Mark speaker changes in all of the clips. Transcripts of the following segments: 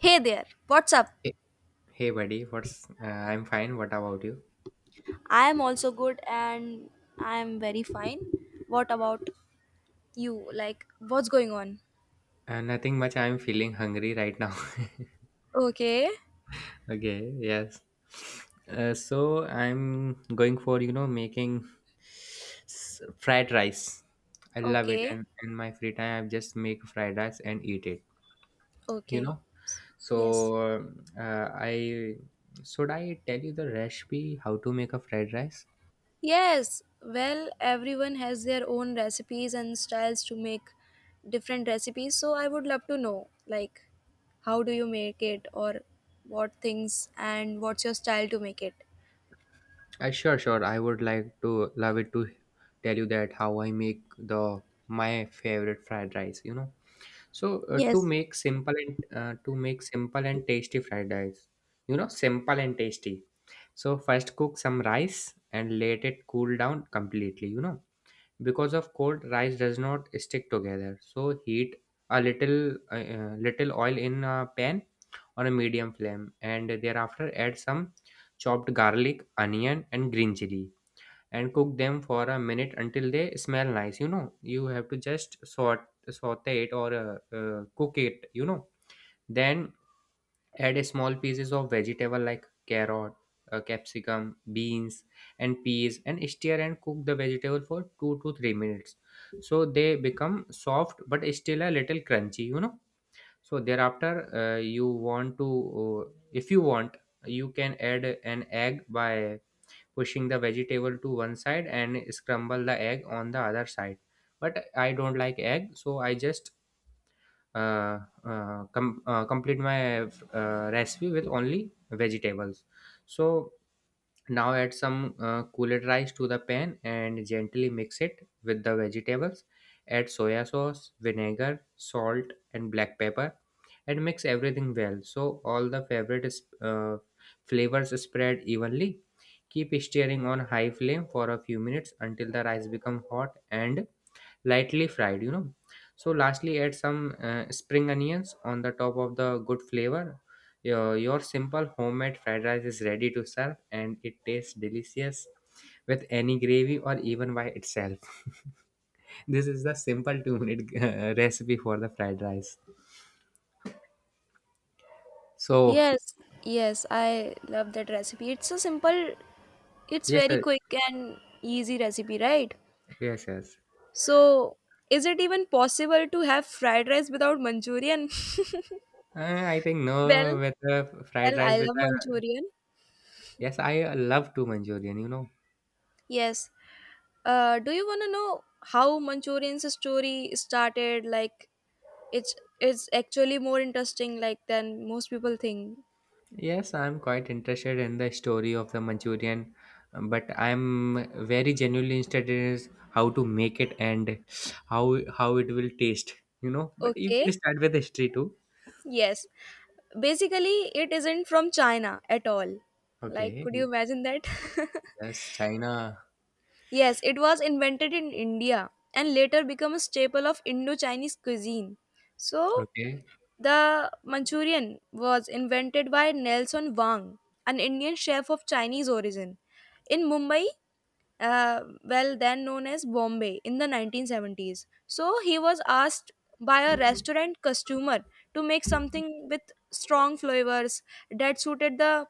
Speaker 1: Hey there, what's up?
Speaker 2: Hey, hey buddy, what's I'm fine. What about you?
Speaker 1: I am also good and I am very fine. What about you? Like, what's going on?
Speaker 2: Nothing much. I'm feeling hungry right now.
Speaker 1: Okay,
Speaker 2: Okay, yes. So I'm going for, making fried rice. I love it,
Speaker 1: okay,
Speaker 2: and in my free time I just make fried rice and eat it, you
Speaker 1: okay.
Speaker 2: know.
Speaker 1: Yes.
Speaker 2: So I Should I tell you the recipe how to make a fried rice?
Speaker 1: Yes, well, everyone has their own recipes and styles to make different recipes, so I would love to know, like, how do you make it or what things and what's your style to make it?
Speaker 2: Sure, sure. I would like to love it to tell you that how I make the my favorite fried rice. So
Speaker 1: Yes.
Speaker 2: to make simple and tasty fried rice, simple and tasty. So first cook some rice and let it cool down completely, because of cold rice does not stick together. So heat a little oil in a pan on a medium flame, and thereafter add some chopped garlic, onion and green chili and cook them for a minute until they smell nice. You have to just sort saute it, or cook it. Then add a small pieces of vegetable like carrot, capsicum, beans and peas, and stir and cook the vegetable for 2 to 3 minutes, so they become soft but still a little crunchy. So thereafter, you want to uh, if you want, you can add an egg by pushing the vegetable to one side and scramble the egg on the other side. But I don't like egg, so I just uh, complete my recipe with only vegetables. So now add some cooled rice to the pan and gently mix it with the vegetables. Add soya sauce, vinegar, salt, and black pepper, and mix everything well so all the flavors spread evenly. Keep stirring on high flame for a few minutes until the rice become hot and lightly fried. So lastly add some spring onions on the top of the good flavor. Your simple homemade fried rice is ready to serve, and it tastes delicious with any gravy or even by itself. This is the simple 2-minute recipe for the fried rice so
Speaker 1: Yes, yes, I love that recipe. It's so simple, it's
Speaker 2: yes,
Speaker 1: very
Speaker 2: sir.
Speaker 1: quick and easy recipe, right?
Speaker 2: Yes, yes.
Speaker 1: So, is it even possible to have fried rice without Manchurian?
Speaker 2: I think no
Speaker 1: Well,
Speaker 2: with the fried
Speaker 1: well,
Speaker 2: rice
Speaker 1: I
Speaker 2: with
Speaker 1: love
Speaker 2: the
Speaker 1: Manchurian.
Speaker 2: Yes, I love to Manchurian.
Speaker 1: Yes. Do you want to know how Manchurian's story started? Like, it's it's actually more interesting, like than most people think.
Speaker 2: Yes, I'm quite interested in the story of the Manchurian, but I'm very genuinely interested in is how to make it and how it will taste. But you
Speaker 1: Okay.
Speaker 2: can start with history too.
Speaker 1: Yes. Basically, it isn't from China at all. Like,
Speaker 2: Okay.
Speaker 1: could you imagine that?
Speaker 2: Yes, China.
Speaker 1: Yes, it was invented in India and later became a staple of Indo Chinese cuisine. So,
Speaker 2: Okay.
Speaker 1: the Manchurian was invented by Nelson Wang, an Indian chef of Chinese origin. In Mumbai, well then known as Bombay in the 1970s. So he was asked by a restaurant customer to make something with strong flavors that suited the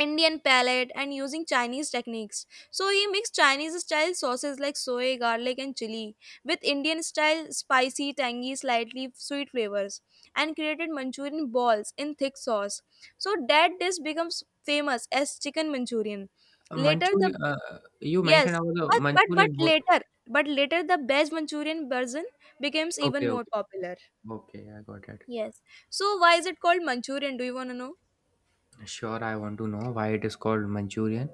Speaker 1: Indian palate and using Chinese techniques. So he mixed Chinese style sauces like soy, garlic, and chili with Indian style spicy, tangy, slightly sweet flavors and created Manchurian balls in thick sauce. So that dish becomes famous as chicken Manchurian. Later, the
Speaker 2: Manchurian. You mentioned
Speaker 1: Yes,
Speaker 2: about the
Speaker 1: but
Speaker 2: Manchurian.
Speaker 1: later, but later the veg Manchurian version becomes even
Speaker 2: Okay,
Speaker 1: more
Speaker 2: okay,
Speaker 1: popular.
Speaker 2: okay. I got it.
Speaker 1: Yes. So why is it called Manchurian? Do you want to know?
Speaker 2: Sure, I want to know why it is called Manchurian.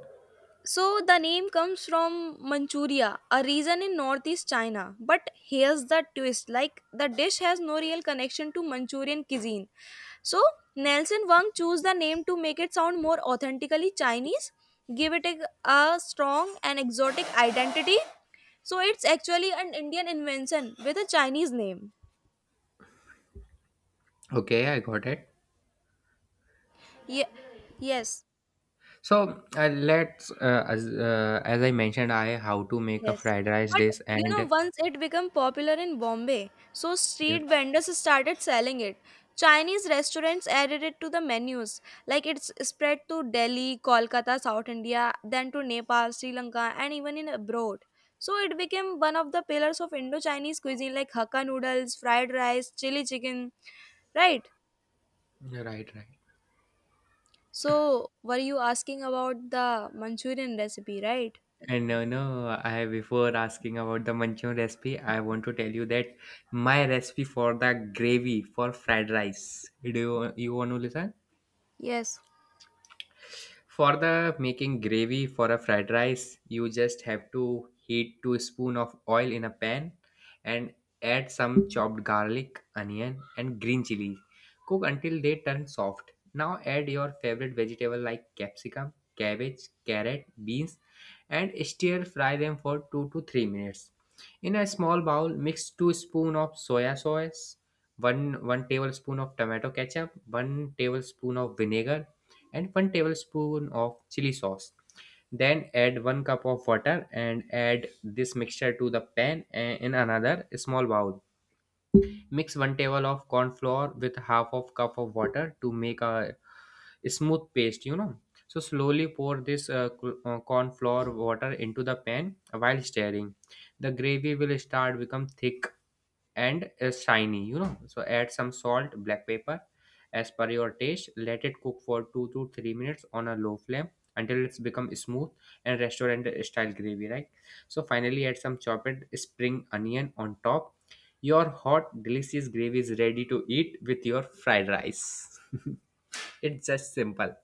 Speaker 1: So the name comes from Manchuria, a region in northeast China. But here's the twist: like the dish has no real connection to Manchurian cuisine. So Nelson Wang chose the name to make it sound more authentically Chinese, give it a strong and exotic identity. So it's actually an Indian invention with a Chinese name.
Speaker 2: Okay, I got it.
Speaker 1: Yeah. Yes.
Speaker 2: So let's as I mentioned, I how to make a
Speaker 1: Yes,
Speaker 2: fried rice
Speaker 1: but
Speaker 2: dish
Speaker 1: you know,
Speaker 2: and
Speaker 1: once it became popular in Bombay, so
Speaker 2: yeah,
Speaker 1: street vendors started selling it. Chinese restaurants added it to the menus. Like it's spread to Delhi, Kolkata, South India, then to Nepal, Sri Lanka, and even in abroad. So it became one of the pillars of Indo-Chinese cuisine, like Hakka noodles, fried rice, chili chicken, right?
Speaker 2: right, right.
Speaker 1: So were you asking about the Manchurian recipe, right?
Speaker 2: And no, I before asking about the Manchurian recipe, I want to tell you that my recipe for the gravy for fried rice. Do you want to listen?
Speaker 1: Yes.
Speaker 2: For the making gravy for a fried rice, you just have to heat 2 spoon of oil in a pan, and add some chopped garlic, onion and green chili. Cook until they turn soft. Now add your favorite vegetable like capsicum, cabbage, carrot, beans and stir fry them for 2 to 3 minutes. In a small bowl, mix 2 spoon of soya sauce, 1 tablespoon of tomato ketchup, 1 tablespoon of vinegar and 1 tablespoon of chili sauce. Then add 1 cup of water and add this mixture to the pan, in another small bowl. Mix 1 table of corn flour with half of cup of water to make a smooth paste. So slowly pour this corn flour water into the pan while stirring. The gravy will start become thick and shiny. So add some salt, black pepper as per your taste. Let it cook for 2 to 3 minutes on a low flame until it's become smooth and restaurant style gravy, right? So finally add some chopped spring onion on top. Your hot delicious gravy is ready to eat with your fried rice. It's just simple,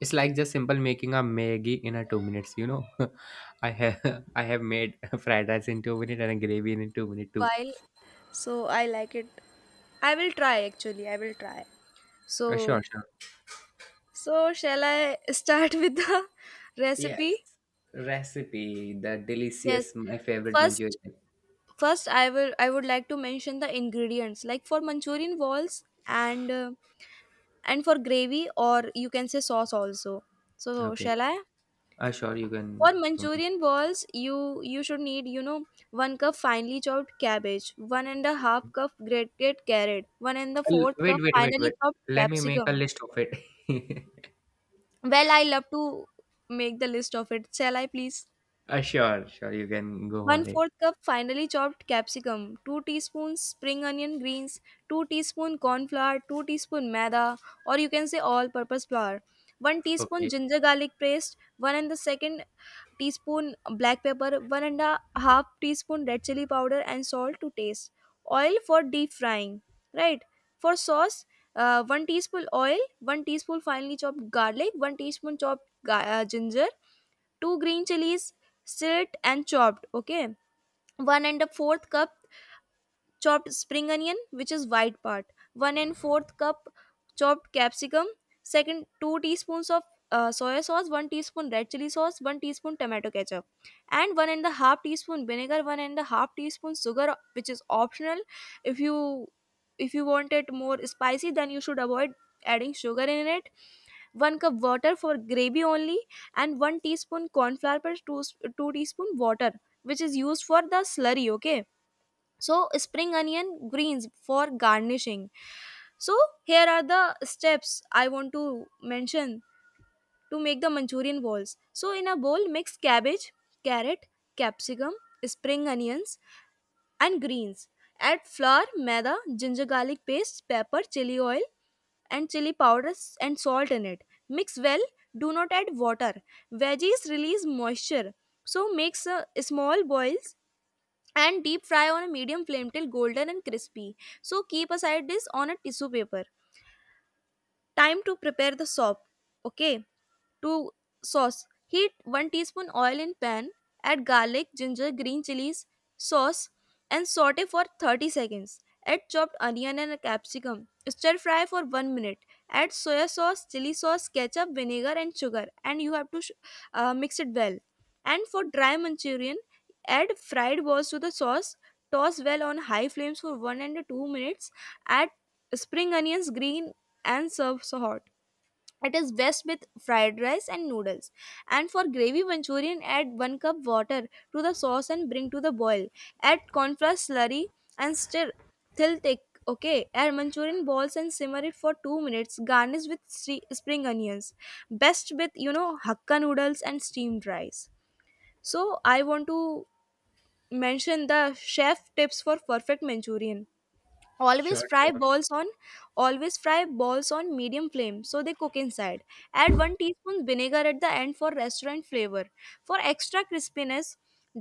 Speaker 2: it's like just simple making a maggie in a 2 minutes. I have I have made fried rice in 2 minutes and a gravy in 2 minutes too.
Speaker 1: While so I like it. I will try actually. I will try.
Speaker 2: Sure,
Speaker 1: So,
Speaker 2: sure.
Speaker 1: so shall I start with the
Speaker 2: Yes.
Speaker 1: recipe?
Speaker 2: Recipe, the
Speaker 1: Yes.
Speaker 2: delicious, my favorite
Speaker 1: First,
Speaker 2: Manchurian.
Speaker 1: first, I will I would like to mention the ingredients like for Manchurian balls and for gravy or you can say sauce also. So,
Speaker 2: Okay.
Speaker 1: shall I?
Speaker 2: Sure, you can.
Speaker 1: For
Speaker 2: I'll-
Speaker 1: Manchurian balls, you should need you know one cup finely chopped cabbage, one and a half cup grated carrot, one and the fourth
Speaker 2: Wait,
Speaker 1: cup
Speaker 2: wait, wait,
Speaker 1: finely
Speaker 2: wait.
Speaker 1: chopped
Speaker 2: Let me make a
Speaker 1: capsicum.
Speaker 2: list of it.
Speaker 1: Well, I love to make the list of it. Shall I please?
Speaker 2: Sure, sure, you can go
Speaker 1: One
Speaker 2: for it.
Speaker 1: fourth cup finely chopped capsicum, 2 teaspoons spring onion greens, 2 teaspoon corn flour, 2 teaspoon maida or you can say all purpose flour, 1 teaspoon
Speaker 2: Okay.
Speaker 1: ginger garlic paste, 1 and the second teaspoon black pepper, one and a half teaspoon red chili powder and salt to taste. Oil for deep frying, right? For sauce, 1 teaspoon oil, 1 teaspoon finely chopped garlic, 1 teaspoon chopped ginger, 2 green chilies, slit and chopped, okay? One and a fourth cup chopped spring onion which is white part, one and fourth cup chopped capsicum, second two teaspoons of soy sauce, one teaspoon red chili sauce, one teaspoon tomato ketchup and one and a half teaspoon vinegar, one and a half teaspoon sugar which is optional. If you if you want it more spicy then you should avoid adding sugar in it. One cup water for gravy only and one teaspoon corn flour per two teaspoon water which is used for the slurry, okay? So spring onion greens for garnishing. So here are the steps I want to mention to make the Manchurian balls. So in a bowl mix cabbage, carrot, capsicum, spring onions and greens. Add flour, maida, ginger garlic paste, pepper, chili oil and chili powders and salt in it. Mix well. Do not add water, veggies release moisture. So makes a small boils and deep fry on a medium flame till golden and crispy. So keep aside this on a tissue paper. Time to prepare the soup. Okay, to sauce. Heat 1 teaspoon oil in pan, add garlic, ginger, green chilies, sauce and saute for 30 seconds. Add chopped onion and a capsicum. Stir fry for 1 minute. Add soya sauce, chili sauce, ketchup, vinegar and sugar and you have to mix it well. And for dry manchurian, add fried balls to the sauce. Toss well on high flames for 1 and 2 minutes. Add spring onions, green and serve so hot. It is best with fried rice and noodles. And for gravy manchurian, add 1 cup water to the sauce and bring to the boil. Add cornflour slurry and stir till thick. Okay, add manchurian balls and simmer it for 2 minutes. Garnish with spring onions. Best with, you know, hakka noodles and steamed rice. So, I want to mention the chef tips for perfect manchurian. always
Speaker 2: Sure,
Speaker 1: fry
Speaker 2: sure.
Speaker 1: balls on Always fry balls on medium flame so they cook inside, add 1 teaspoon vinegar at the end for restaurant flavor, for extra crispiness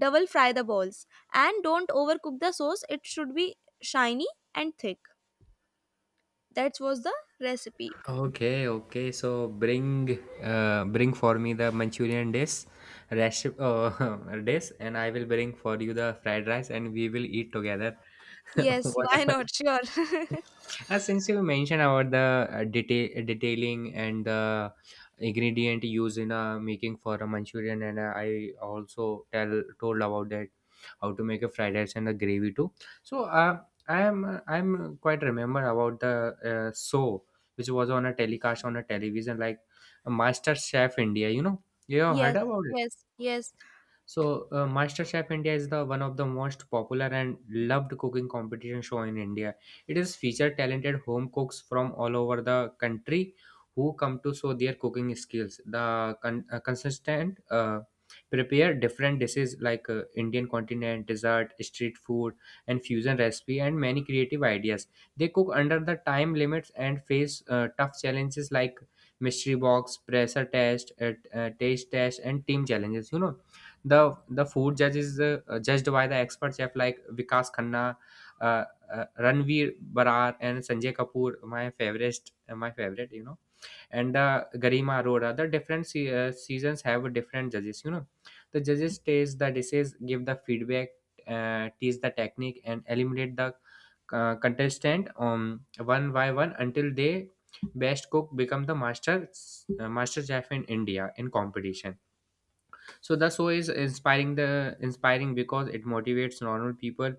Speaker 1: double fry the balls and don't overcook the sauce, it should be shiny and thick. That was the recipe.
Speaker 2: Okay, okay. So bring for me the Manchurian dish, recipe, dish, and I will bring for you the fried rice, and we will eat together.
Speaker 1: Yes, why
Speaker 2: Whatever.
Speaker 1: not, sure.
Speaker 2: Since you mentioned about the detailing and the ingredient used in making for a Manchurian, and I also tell told about that how to make a fried rice and the gravy too. So I'm quite remember about the show which was on a telecast on a television like Master Chef India. You know, you have heard
Speaker 1: yes
Speaker 2: about it.
Speaker 1: yes.
Speaker 2: So, MasterChef India is the one of the most popular and loved cooking competition show in India. It is featured talented home cooks from all over the country who come to show their cooking skills. The consistent prepare different dishes like Indian continent, dessert, street food, and fusion recipe, and many creative ideas. They cook under the time limits and face tough challenges like mystery box, pressure test, taste test, and team challenges. You know, the food judge is judged by the expert chef like Vikas Khanna, uh, Ranveer Barar, and Sanjay Kapoor. My favorite, and Garima Arora. The different seasons have different judges. You know, the judges taste the dishes, give the feedback, teach the technique, and eliminate the contestant one by one until they best cook become the master chef in India in competition. So the show is inspiring because it motivates normal people,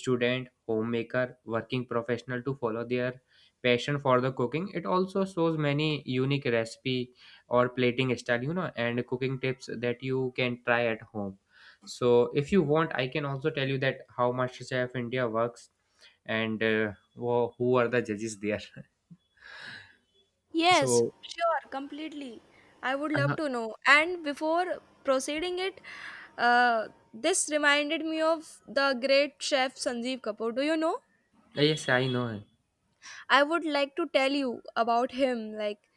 Speaker 2: student, homemaker, working professional to follow their passion for the cooking. It also shows many unique recipe or plating style, and cooking tips that you can try at home. So if you want, I can also tell you that how MasterChef India works, and who are the judges there.
Speaker 1: Yes,
Speaker 2: So,
Speaker 1: sure, completely. I would love
Speaker 2: uh,
Speaker 1: to know. And before proceeding it, this reminded me of the great chef Sanjeev Kapoor. Do you know?
Speaker 2: yes, I know.
Speaker 1: I would like to tell you about him, like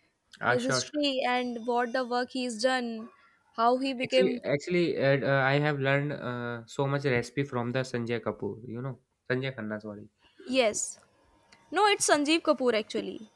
Speaker 1: his
Speaker 2: Sure, sure.
Speaker 1: history and what the work he's done, how he
Speaker 2: Actually,
Speaker 1: became.
Speaker 2: actually, uh, uh, I have learned so much recipe from the Sanjay Kapoor. You know, Sanjay Khanna. Sorry,
Speaker 1: Yes. No, it's Sanjeev Kapoor actually.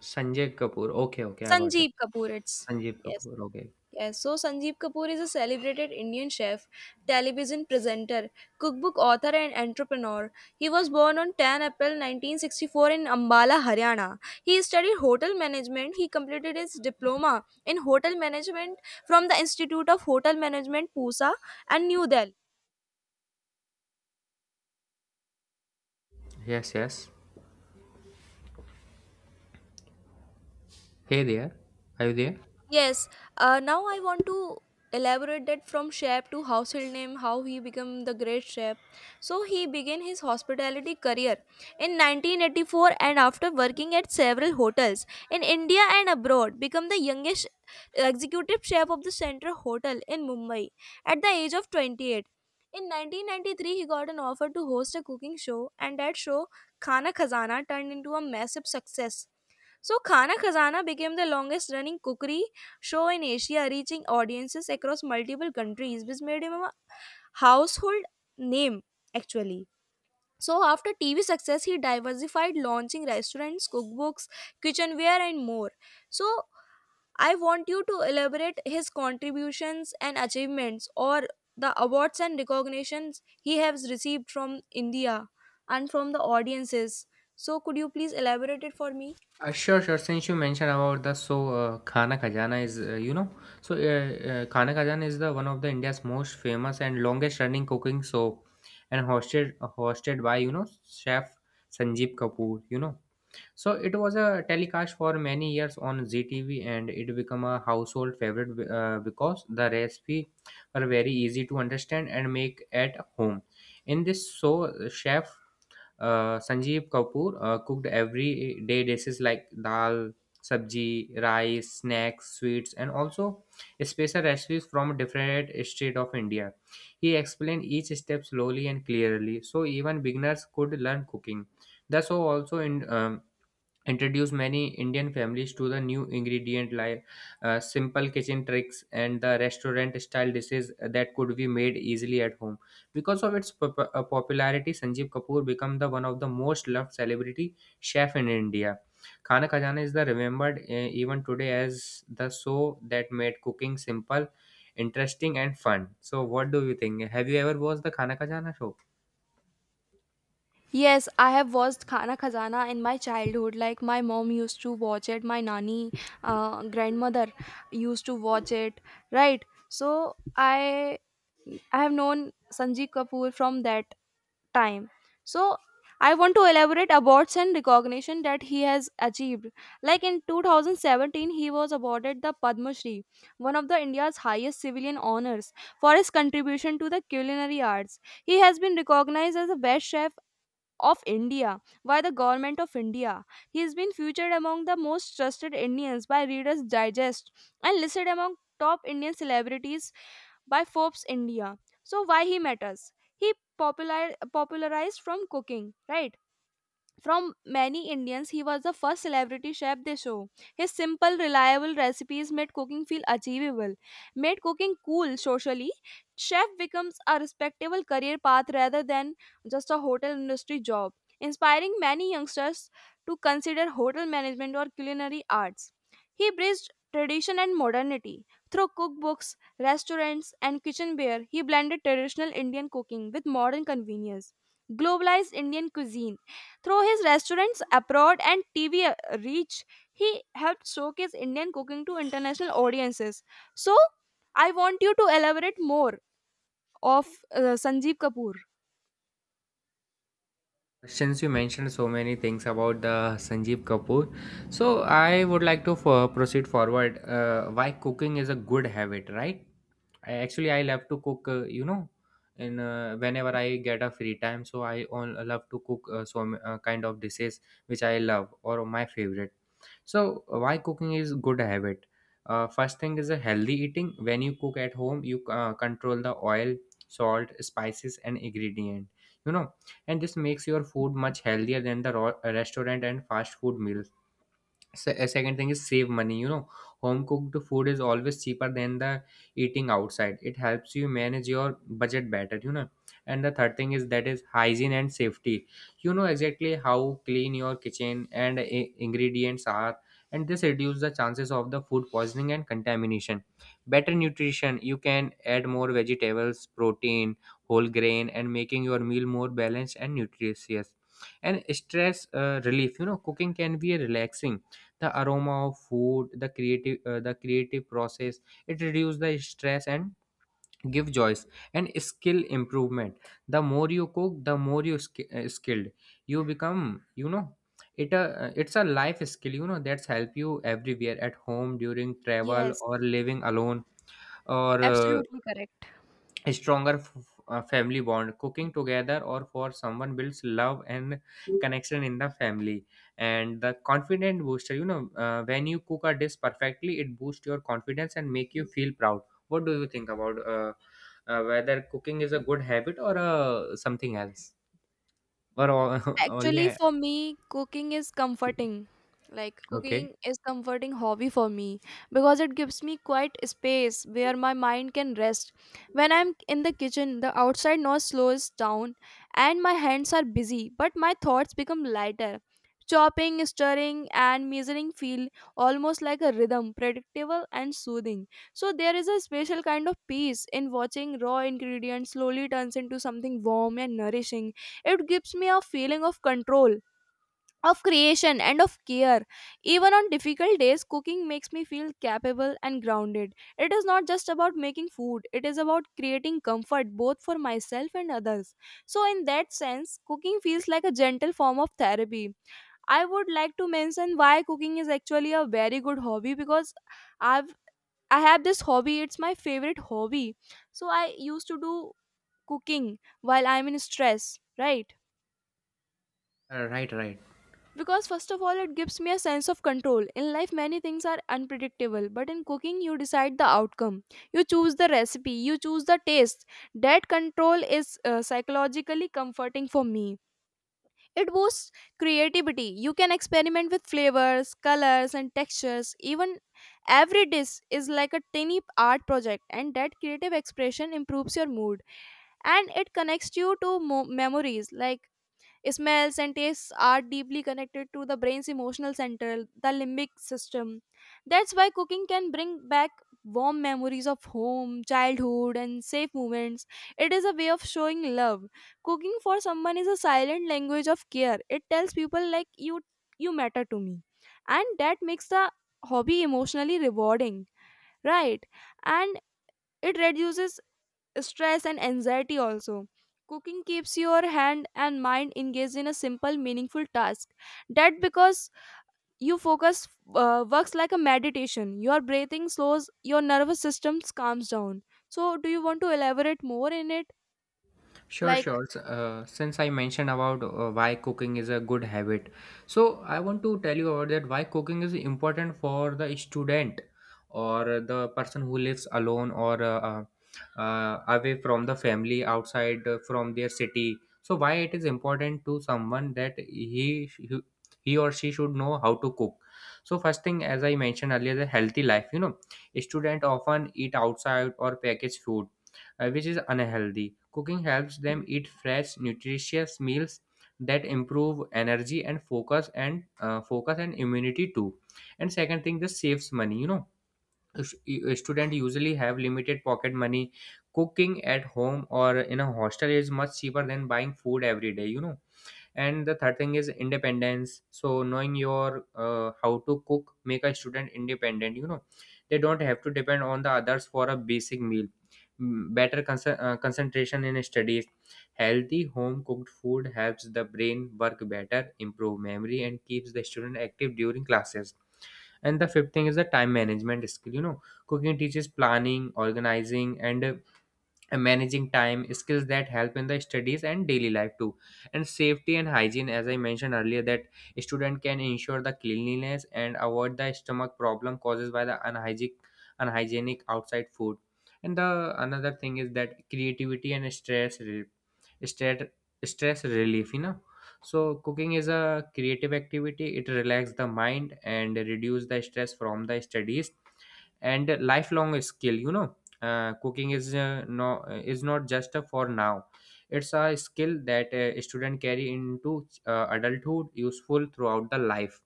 Speaker 2: Sanjay Kapoor. Okay, okay, I got it.
Speaker 1: Sanjeev Kapoor, it's.
Speaker 2: Sanjeev
Speaker 1: Yes.
Speaker 2: Kapoor. Okay.
Speaker 1: Yes, so Sanjeev Kapoor is a celebrated Indian chef, television presenter, cookbook author, and entrepreneur. He was born on 10 April 1964 in Ambala, Haryana. He studied hotel management. He completed his diploma in hotel management from the Institute of Hotel Management, Pusa, and New Delhi.
Speaker 2: Yes, yes. Hey there. Are you there?
Speaker 1: Yes, now I want to elaborate that from chef to household name, how he became the great chef. So he began his hospitality career in 1984 and after working at several hotels in India and abroad, become the youngest executive chef of the Central Hotel in Mumbai at the age of 28. In 1993, he got an offer to host a cooking show, and that show, Khana Khazana, turned into a massive success. So, Khana Khazana became the longest running cookery show in Asia, reaching audiences across multiple countries, which made him a household name actually. So, after TV success, he diversified, launching restaurants, cookbooks, kitchenware, and more. So, I want you to elaborate his contributions and achievements or the awards and recognitions he has received from India and from the audiences. So, could you please elaborate it for me?
Speaker 2: Sure, sure. Since you mentioned about the so Khana Khajana is you know Khana Khajana is the one of the India's most famous and longest running cooking show, and hosted by chef Sanjeev Kapoor. So it was a telecast for many years on ZTV, and it became a household favorite because the recipe were very easy to understand and make at home. In this show, chef Sanjeev Kapoor cooked everyday dishes like dal, sabji, rice, snacks, sweets, and also special recipes from different state of India. He explained each step slowly and clearly, so even beginners could learn cooking. The show also in introduced many Indian families to the new ingredient like simple kitchen tricks and the restaurant style dishes that could be made easily at home. Because of its popularity, Sanjeev Kapoor became the one of the most loved celebrity chef in India. Khana Khajana is the remembered even today as the show that made cooking simple, interesting, and fun. So, what do you think? Have you ever watched the Khana Khajana show?
Speaker 1: Yes, I have watched Khana Khazana in my childhood. Like my mom used to watch it, my nani, grandmother used to watch it, right? So I have known Sanjeev Kapoor from that time. So I want to elaborate awards and recognition that he has achieved. Like in 2017, he was awarded the Padma Shri, one of the India's highest civilian honors, for his contribution to the culinary arts. He has been recognized as the best chef of India by the government of India. He has been featured among the most trusted Indians by Reader's Digest and listed among top Indian celebrities by Forbes India. So why he matters? He popularized from cooking, right? From many Indians, he was the first celebrity chef they show. His simple, reliable recipes made cooking feel achievable, made cooking cool socially. Chef becomes a respectable career path rather than just a hotel industry job, inspiring many youngsters to consider hotel management or culinary arts. He bridged tradition and modernity. Through cookbooks, restaurants, and kitchenware, he blended traditional Indian cooking with modern convenience. Globalized Indian cuisine through his restaurants abroad and TV reach, he helped showcase Indian cooking to international audiences. So, I want you to elaborate more of Sanjeev Kapoor.
Speaker 2: Since you mentioned so many things about the Sanjeev Kapoor, so I would like to proceed forward. Why cooking is a good habit, right? Actually, I love to cook. In whenever I get a free time, so I all love to cook some kind of dishes which I love or my favorite. So why cooking is good habit? First thing is a healthy eating. When you cook at home, you control the oil, salt, spices, and ingredient. You know, and this makes your food much healthier than the raw, restaurant and fast food meals. Second thing is save money. Home cooked food is always cheaper than the eating outside. It helps you manage your budget better. And the third thing is that is hygiene and safety. You know exactly how clean your kitchen and ingredients are, and this reduces the chances of the food poisoning and contamination. Better nutrition, you can add more vegetables, protein, whole grain, and making your meal more balanced and nutritious. And stress relief, you know, cooking can be relaxing. The aroma of food, the creative the creative process, it reduces the stress and give joys. And skill improvement, the more you cook the more you skilled you become. It's a life skill, you know, that's help you everywhere, at home, during travel,
Speaker 1: Yes,
Speaker 2: or living alone or
Speaker 1: absolutely correct.
Speaker 2: a stronger family bond. Cooking together or for someone builds love and connection in the family. And the confident booster, you know, when you cook a dish perfectly, it boosts your confidence and make you feel proud. What do you think about whether cooking is a good habit or something else, or
Speaker 1: Actually,
Speaker 2: only.
Speaker 1: for me, cooking is comforting. Like
Speaker 2: Okay.
Speaker 1: cooking is comforting hobby for me because it gives me quiet space where my mind can rest. When I'm in the kitchen, the outside noise slows down and my hands are busy, but my thoughts become lighter. Chopping, stirring, and measuring feel almost like a rhythm, predictable and soothing. So there is a special kind of peace in watching raw ingredients slowly turns into something warm and nourishing. It gives me a feeling of control, of creation, and of care. Even on difficult days, cooking makes me feel capable and grounded. It is not just about making food, it is about creating comfort both for myself and others. So, in that sense, cooking feels like a gentle form of therapy. I would like to mention why cooking is actually a very good hobby because I've I have this hobby, it's my favorite hobby. So I used to do cooking while I'm in stress, right?
Speaker 2: Right, right.
Speaker 1: Because, first of all, it gives me a sense of control. In life, many things are unpredictable, but in cooking, you decide the outcome. You choose the recipe, you choose the taste. That control is psychologically comforting for me. It boosts creativity. You can experiment with flavors, colors, and textures. Even every dish is like a tiny art project, and that creative expression improves your mood, and it connects you to memories, like, smells and tastes are deeply connected to the brain's emotional center, the limbic system. That's why cooking can bring back warm memories of home, childhood, and safe moments. It is a way of showing love. Cooking for someone is a silent language of care. It tells people, like, you matter to me. And that makes the hobby emotionally rewarding, right? And it reduces stress and anxiety also. Cooking keeps your hand and mind engaged in a simple, meaningful task. That, because you focus, works like a meditation. Your breathing slows, your nervous system calms down. So, do you want to elaborate more in it?
Speaker 2: Sure,
Speaker 1: Like,
Speaker 2: sure. Since I mentioned about why cooking is a good habit, so I want to tell you about that why cooking is important for the student or the person who lives alone or away from the family, outside from their city. So why it is important to someone that he he or she should know how to cook. So first thing, as I mentioned earlier, the healthy life. You know, student often eat outside or packaged food which is unhealthy. Cooking helps them eat fresh, nutritious meals that improve energy and focus and immunity too. And second thing, this saves money. You know, students usually have limited pocket money. Cooking at home or in a hostel is much cheaper than buying food every day. You know, and the third thing is independence. So knowing your how to cook make a student independent, you know, they don't have to depend on the others for a basic meal. Mm, better concentration in studies. Healthy home cooked food helps the brain work better, improve memory, and keeps the student active during classes. And the fifth thing is the time management skill, you know, cooking teaches planning, organizing, and managing time, skills that help in the studies and daily life too. And safety and hygiene, as I mentioned earlier, that student can ensure the cleanliness and avoid the stomach problem caused by the unhygienic outside food. And the another thing is that creativity and stat- stress relief, you know. So cooking is a creative activity, it relaxes the mind and reduce the stress from the studies. And lifelong skill, you know, cooking is is not just for now, it's a skill that a student carry into adulthood, useful throughout the life.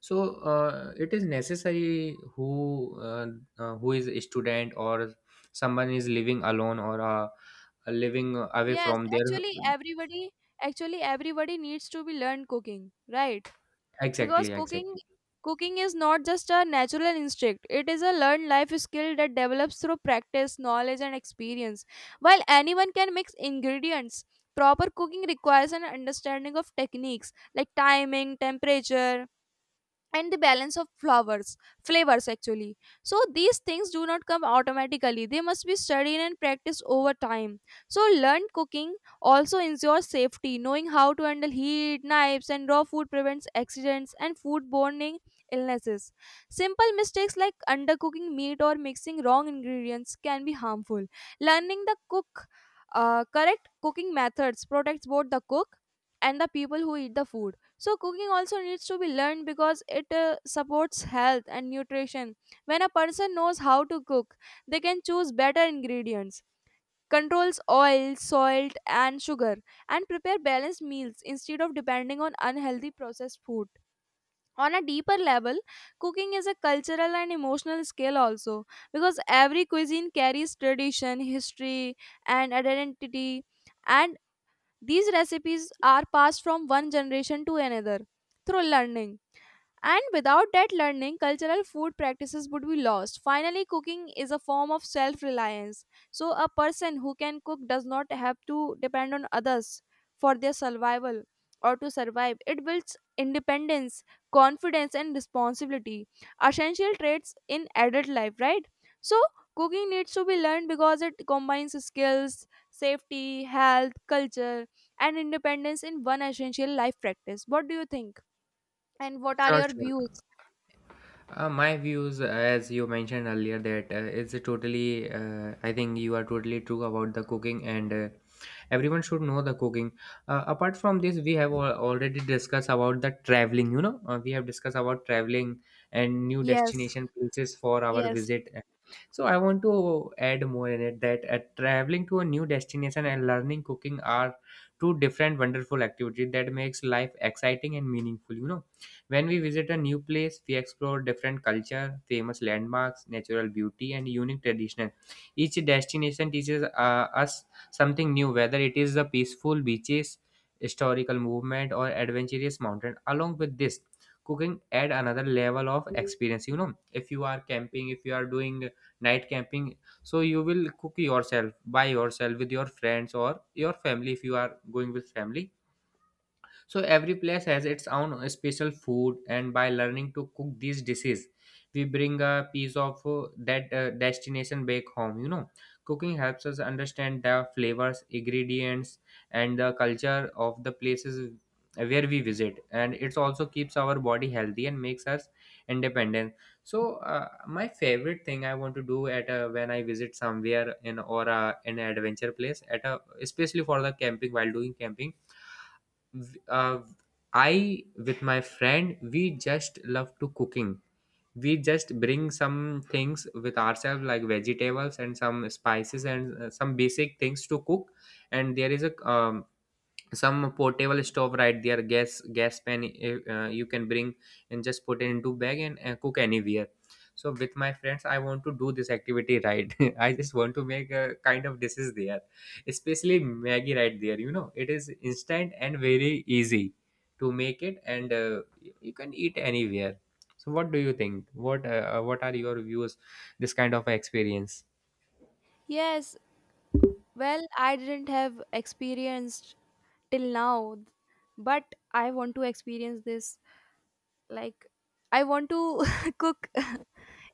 Speaker 2: So it is necessary who is a student or someone is living alone or living away
Speaker 1: yes,
Speaker 2: from their.
Speaker 1: actually, everybody needs to be learned cooking, right? Because
Speaker 2: Exactly,
Speaker 1: cooking
Speaker 2: exactly.
Speaker 1: cooking is not just a natural instinct, it is a learned life skill that develops through practice, knowledge, and experience. While anyone can mix ingredients, proper cooking requires an understanding of techniques like timing, temperature, and the balance of flowers, flavors actually. So these things do not come automatically, they must be studied and practiced over time. So learned cooking also ensures safety. Knowing how to handle heat, knives, and raw food prevents accidents and foodborne illnesses. Simple mistakes like undercooking meat or mixing wrong ingredients can be harmful. Learning the cook Correct cooking methods protects both the cook and the people who eat the food. So, cooking also needs to be learned because it supports health and nutrition. When a person knows how to cook, they can choose better ingredients, controls oil, salt, and sugar, and prepare balanced meals instead of depending on unhealthy processed food. On a deeper level, cooking is a cultural and emotional skill also, because every cuisine carries tradition, history, and identity. And these recipes are passed from one generation to another through learning. And without that learning, cultural food practices would be lost. Finally, cooking is a form of self reliance. So, a person who can cook does not have to depend on others for their survival or to survive. It builds independence, confidence, and responsibility. Essential traits in adult life, right? So, cooking needs to be learned because it combines skills, safety, health, culture, and independence in one essential life practice. What do you think? And what are
Speaker 2: Sure,
Speaker 1: your
Speaker 2: sure.
Speaker 1: views?
Speaker 2: My views, as you mentioned earlier, that it's a totally I think you are totally true about the cooking, and everyone should know the cooking. Apart from this, we have already discussed about the traveling, you know, we have discussed about traveling and new
Speaker 1: Yes,
Speaker 2: destination places for our
Speaker 1: yes.
Speaker 2: visit. So I want to add more in it, that traveling to a new destination and learning cooking are two different wonderful activities that makes life exciting and meaningful, you know. When we visit a new place, we explore different culture, famous landmarks, natural beauty, and unique tradition. Each destination teaches us something new, whether it is the peaceful beaches, historical movement, or adventurous mountain. Along with this, cooking add another level of experience. You know, if you are camping, if you are doing night camping, so you will cook yourself, by yourself, with your friends or your family if you are going with family. So every place has its own special food, and by learning to cook these dishes, we bring a piece of that destination back home. You know, cooking helps us understand the flavors, ingredients, and the culture of the places where we visit, and it also keeps our body healthy and makes us independent. So my favorite thing I want to do at a, when I visit somewhere in or a, in an adventure place at a, especially for the camping, while doing camping uh, I with my friend, we just love to cooking. We just bring some things with ourselves, like vegetables and some spices and some basic things to cook. And there is a some portable stove right there, gas pan you can bring and just put it into bag and cook anywhere. So with my friends, I want to do this activity, right? I just want to make a kind of dishes there, especially maggie right there, you know, it is instant and very easy to make it, and you can eat anywhere. So what do you think, what are your views, this kind of experience?
Speaker 1: Yes, well, I didn't have experienced till now, but I want to experience this. Like, I want to cook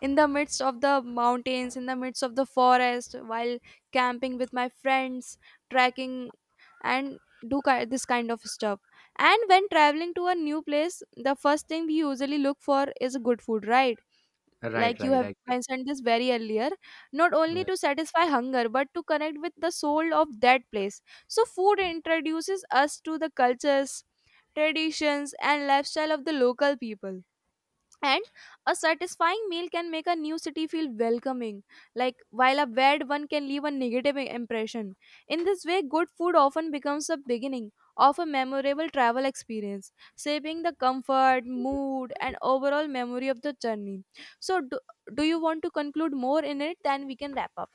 Speaker 1: in the midst of the mountains, in the midst of the forest, while camping with my friends, trekking, and this kind of stuff. And when traveling to a new place, the first thing we usually look for is good food, right?
Speaker 2: Right,
Speaker 1: Like you
Speaker 2: right.
Speaker 1: have mentioned this very earlier, not only
Speaker 2: Agree.
Speaker 1: to satisfy hunger but to connect with the soul of that place. So, food introduces us to the cultures, traditions, and lifestyle of the local people, and a satisfying meal can make a new city feel welcoming, like, while a bad one can leave a impression. In this way, good food often becomes the beginning of a memorable travel experience, shaping the comfort, mood, and overall memory of the journey. So do you want to conclude more in it, then we can wrap up?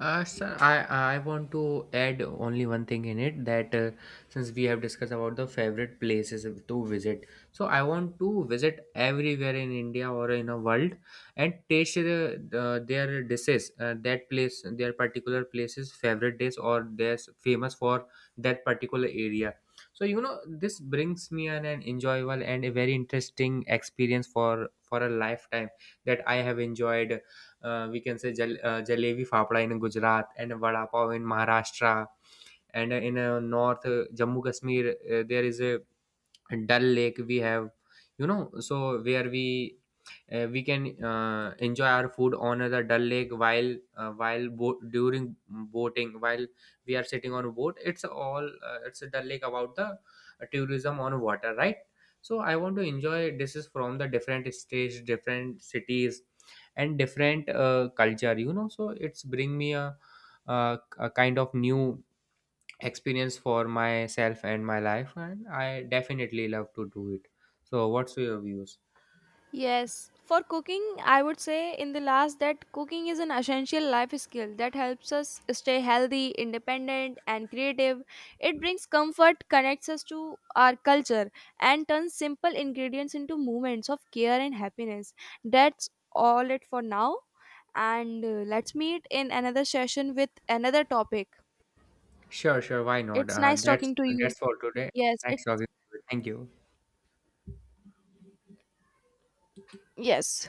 Speaker 2: Sir, I want to add only one thing in it, that since we have discussed about the favorite places to visit, so I want to visit everywhere in India or in a world and taste their dishes, that place, their particular places, favorite dish or they're famous for that particular area. So you know, this brings me an enjoyable and a very interesting experience for a lifetime that I have enjoyed. We can say jalebi fapda in Gujarat and vada pav in Maharashtra, and in north Jammu Kashmir, there is a Dal Lake we have, you know, so where we can enjoy our food on the Dal Lake while during boating, while we are sitting on a boat. It's all it's a Dal Lake about the tourism on water, right? So I want to enjoy dishes from the different states, different cities, and different culture. You know, so it's bring me a kind of new experience for myself and my life, and I definitely love to do it. So what's your views?
Speaker 1: Yes, for cooking, I would say in the last that cooking is an essential life skill that helps us stay healthy, independent, and creative. It brings comfort, connects us to our culture, and turns simple ingredients into moments of care and happiness. That's all it for now. And let's meet in another session with another topic.
Speaker 2: Sure, sure, why not?
Speaker 1: It's nice
Speaker 2: That's
Speaker 1: talking to you.
Speaker 2: that's for today.
Speaker 1: Yes, it's
Speaker 2: Nice talking to you. Thank you.
Speaker 1: yes.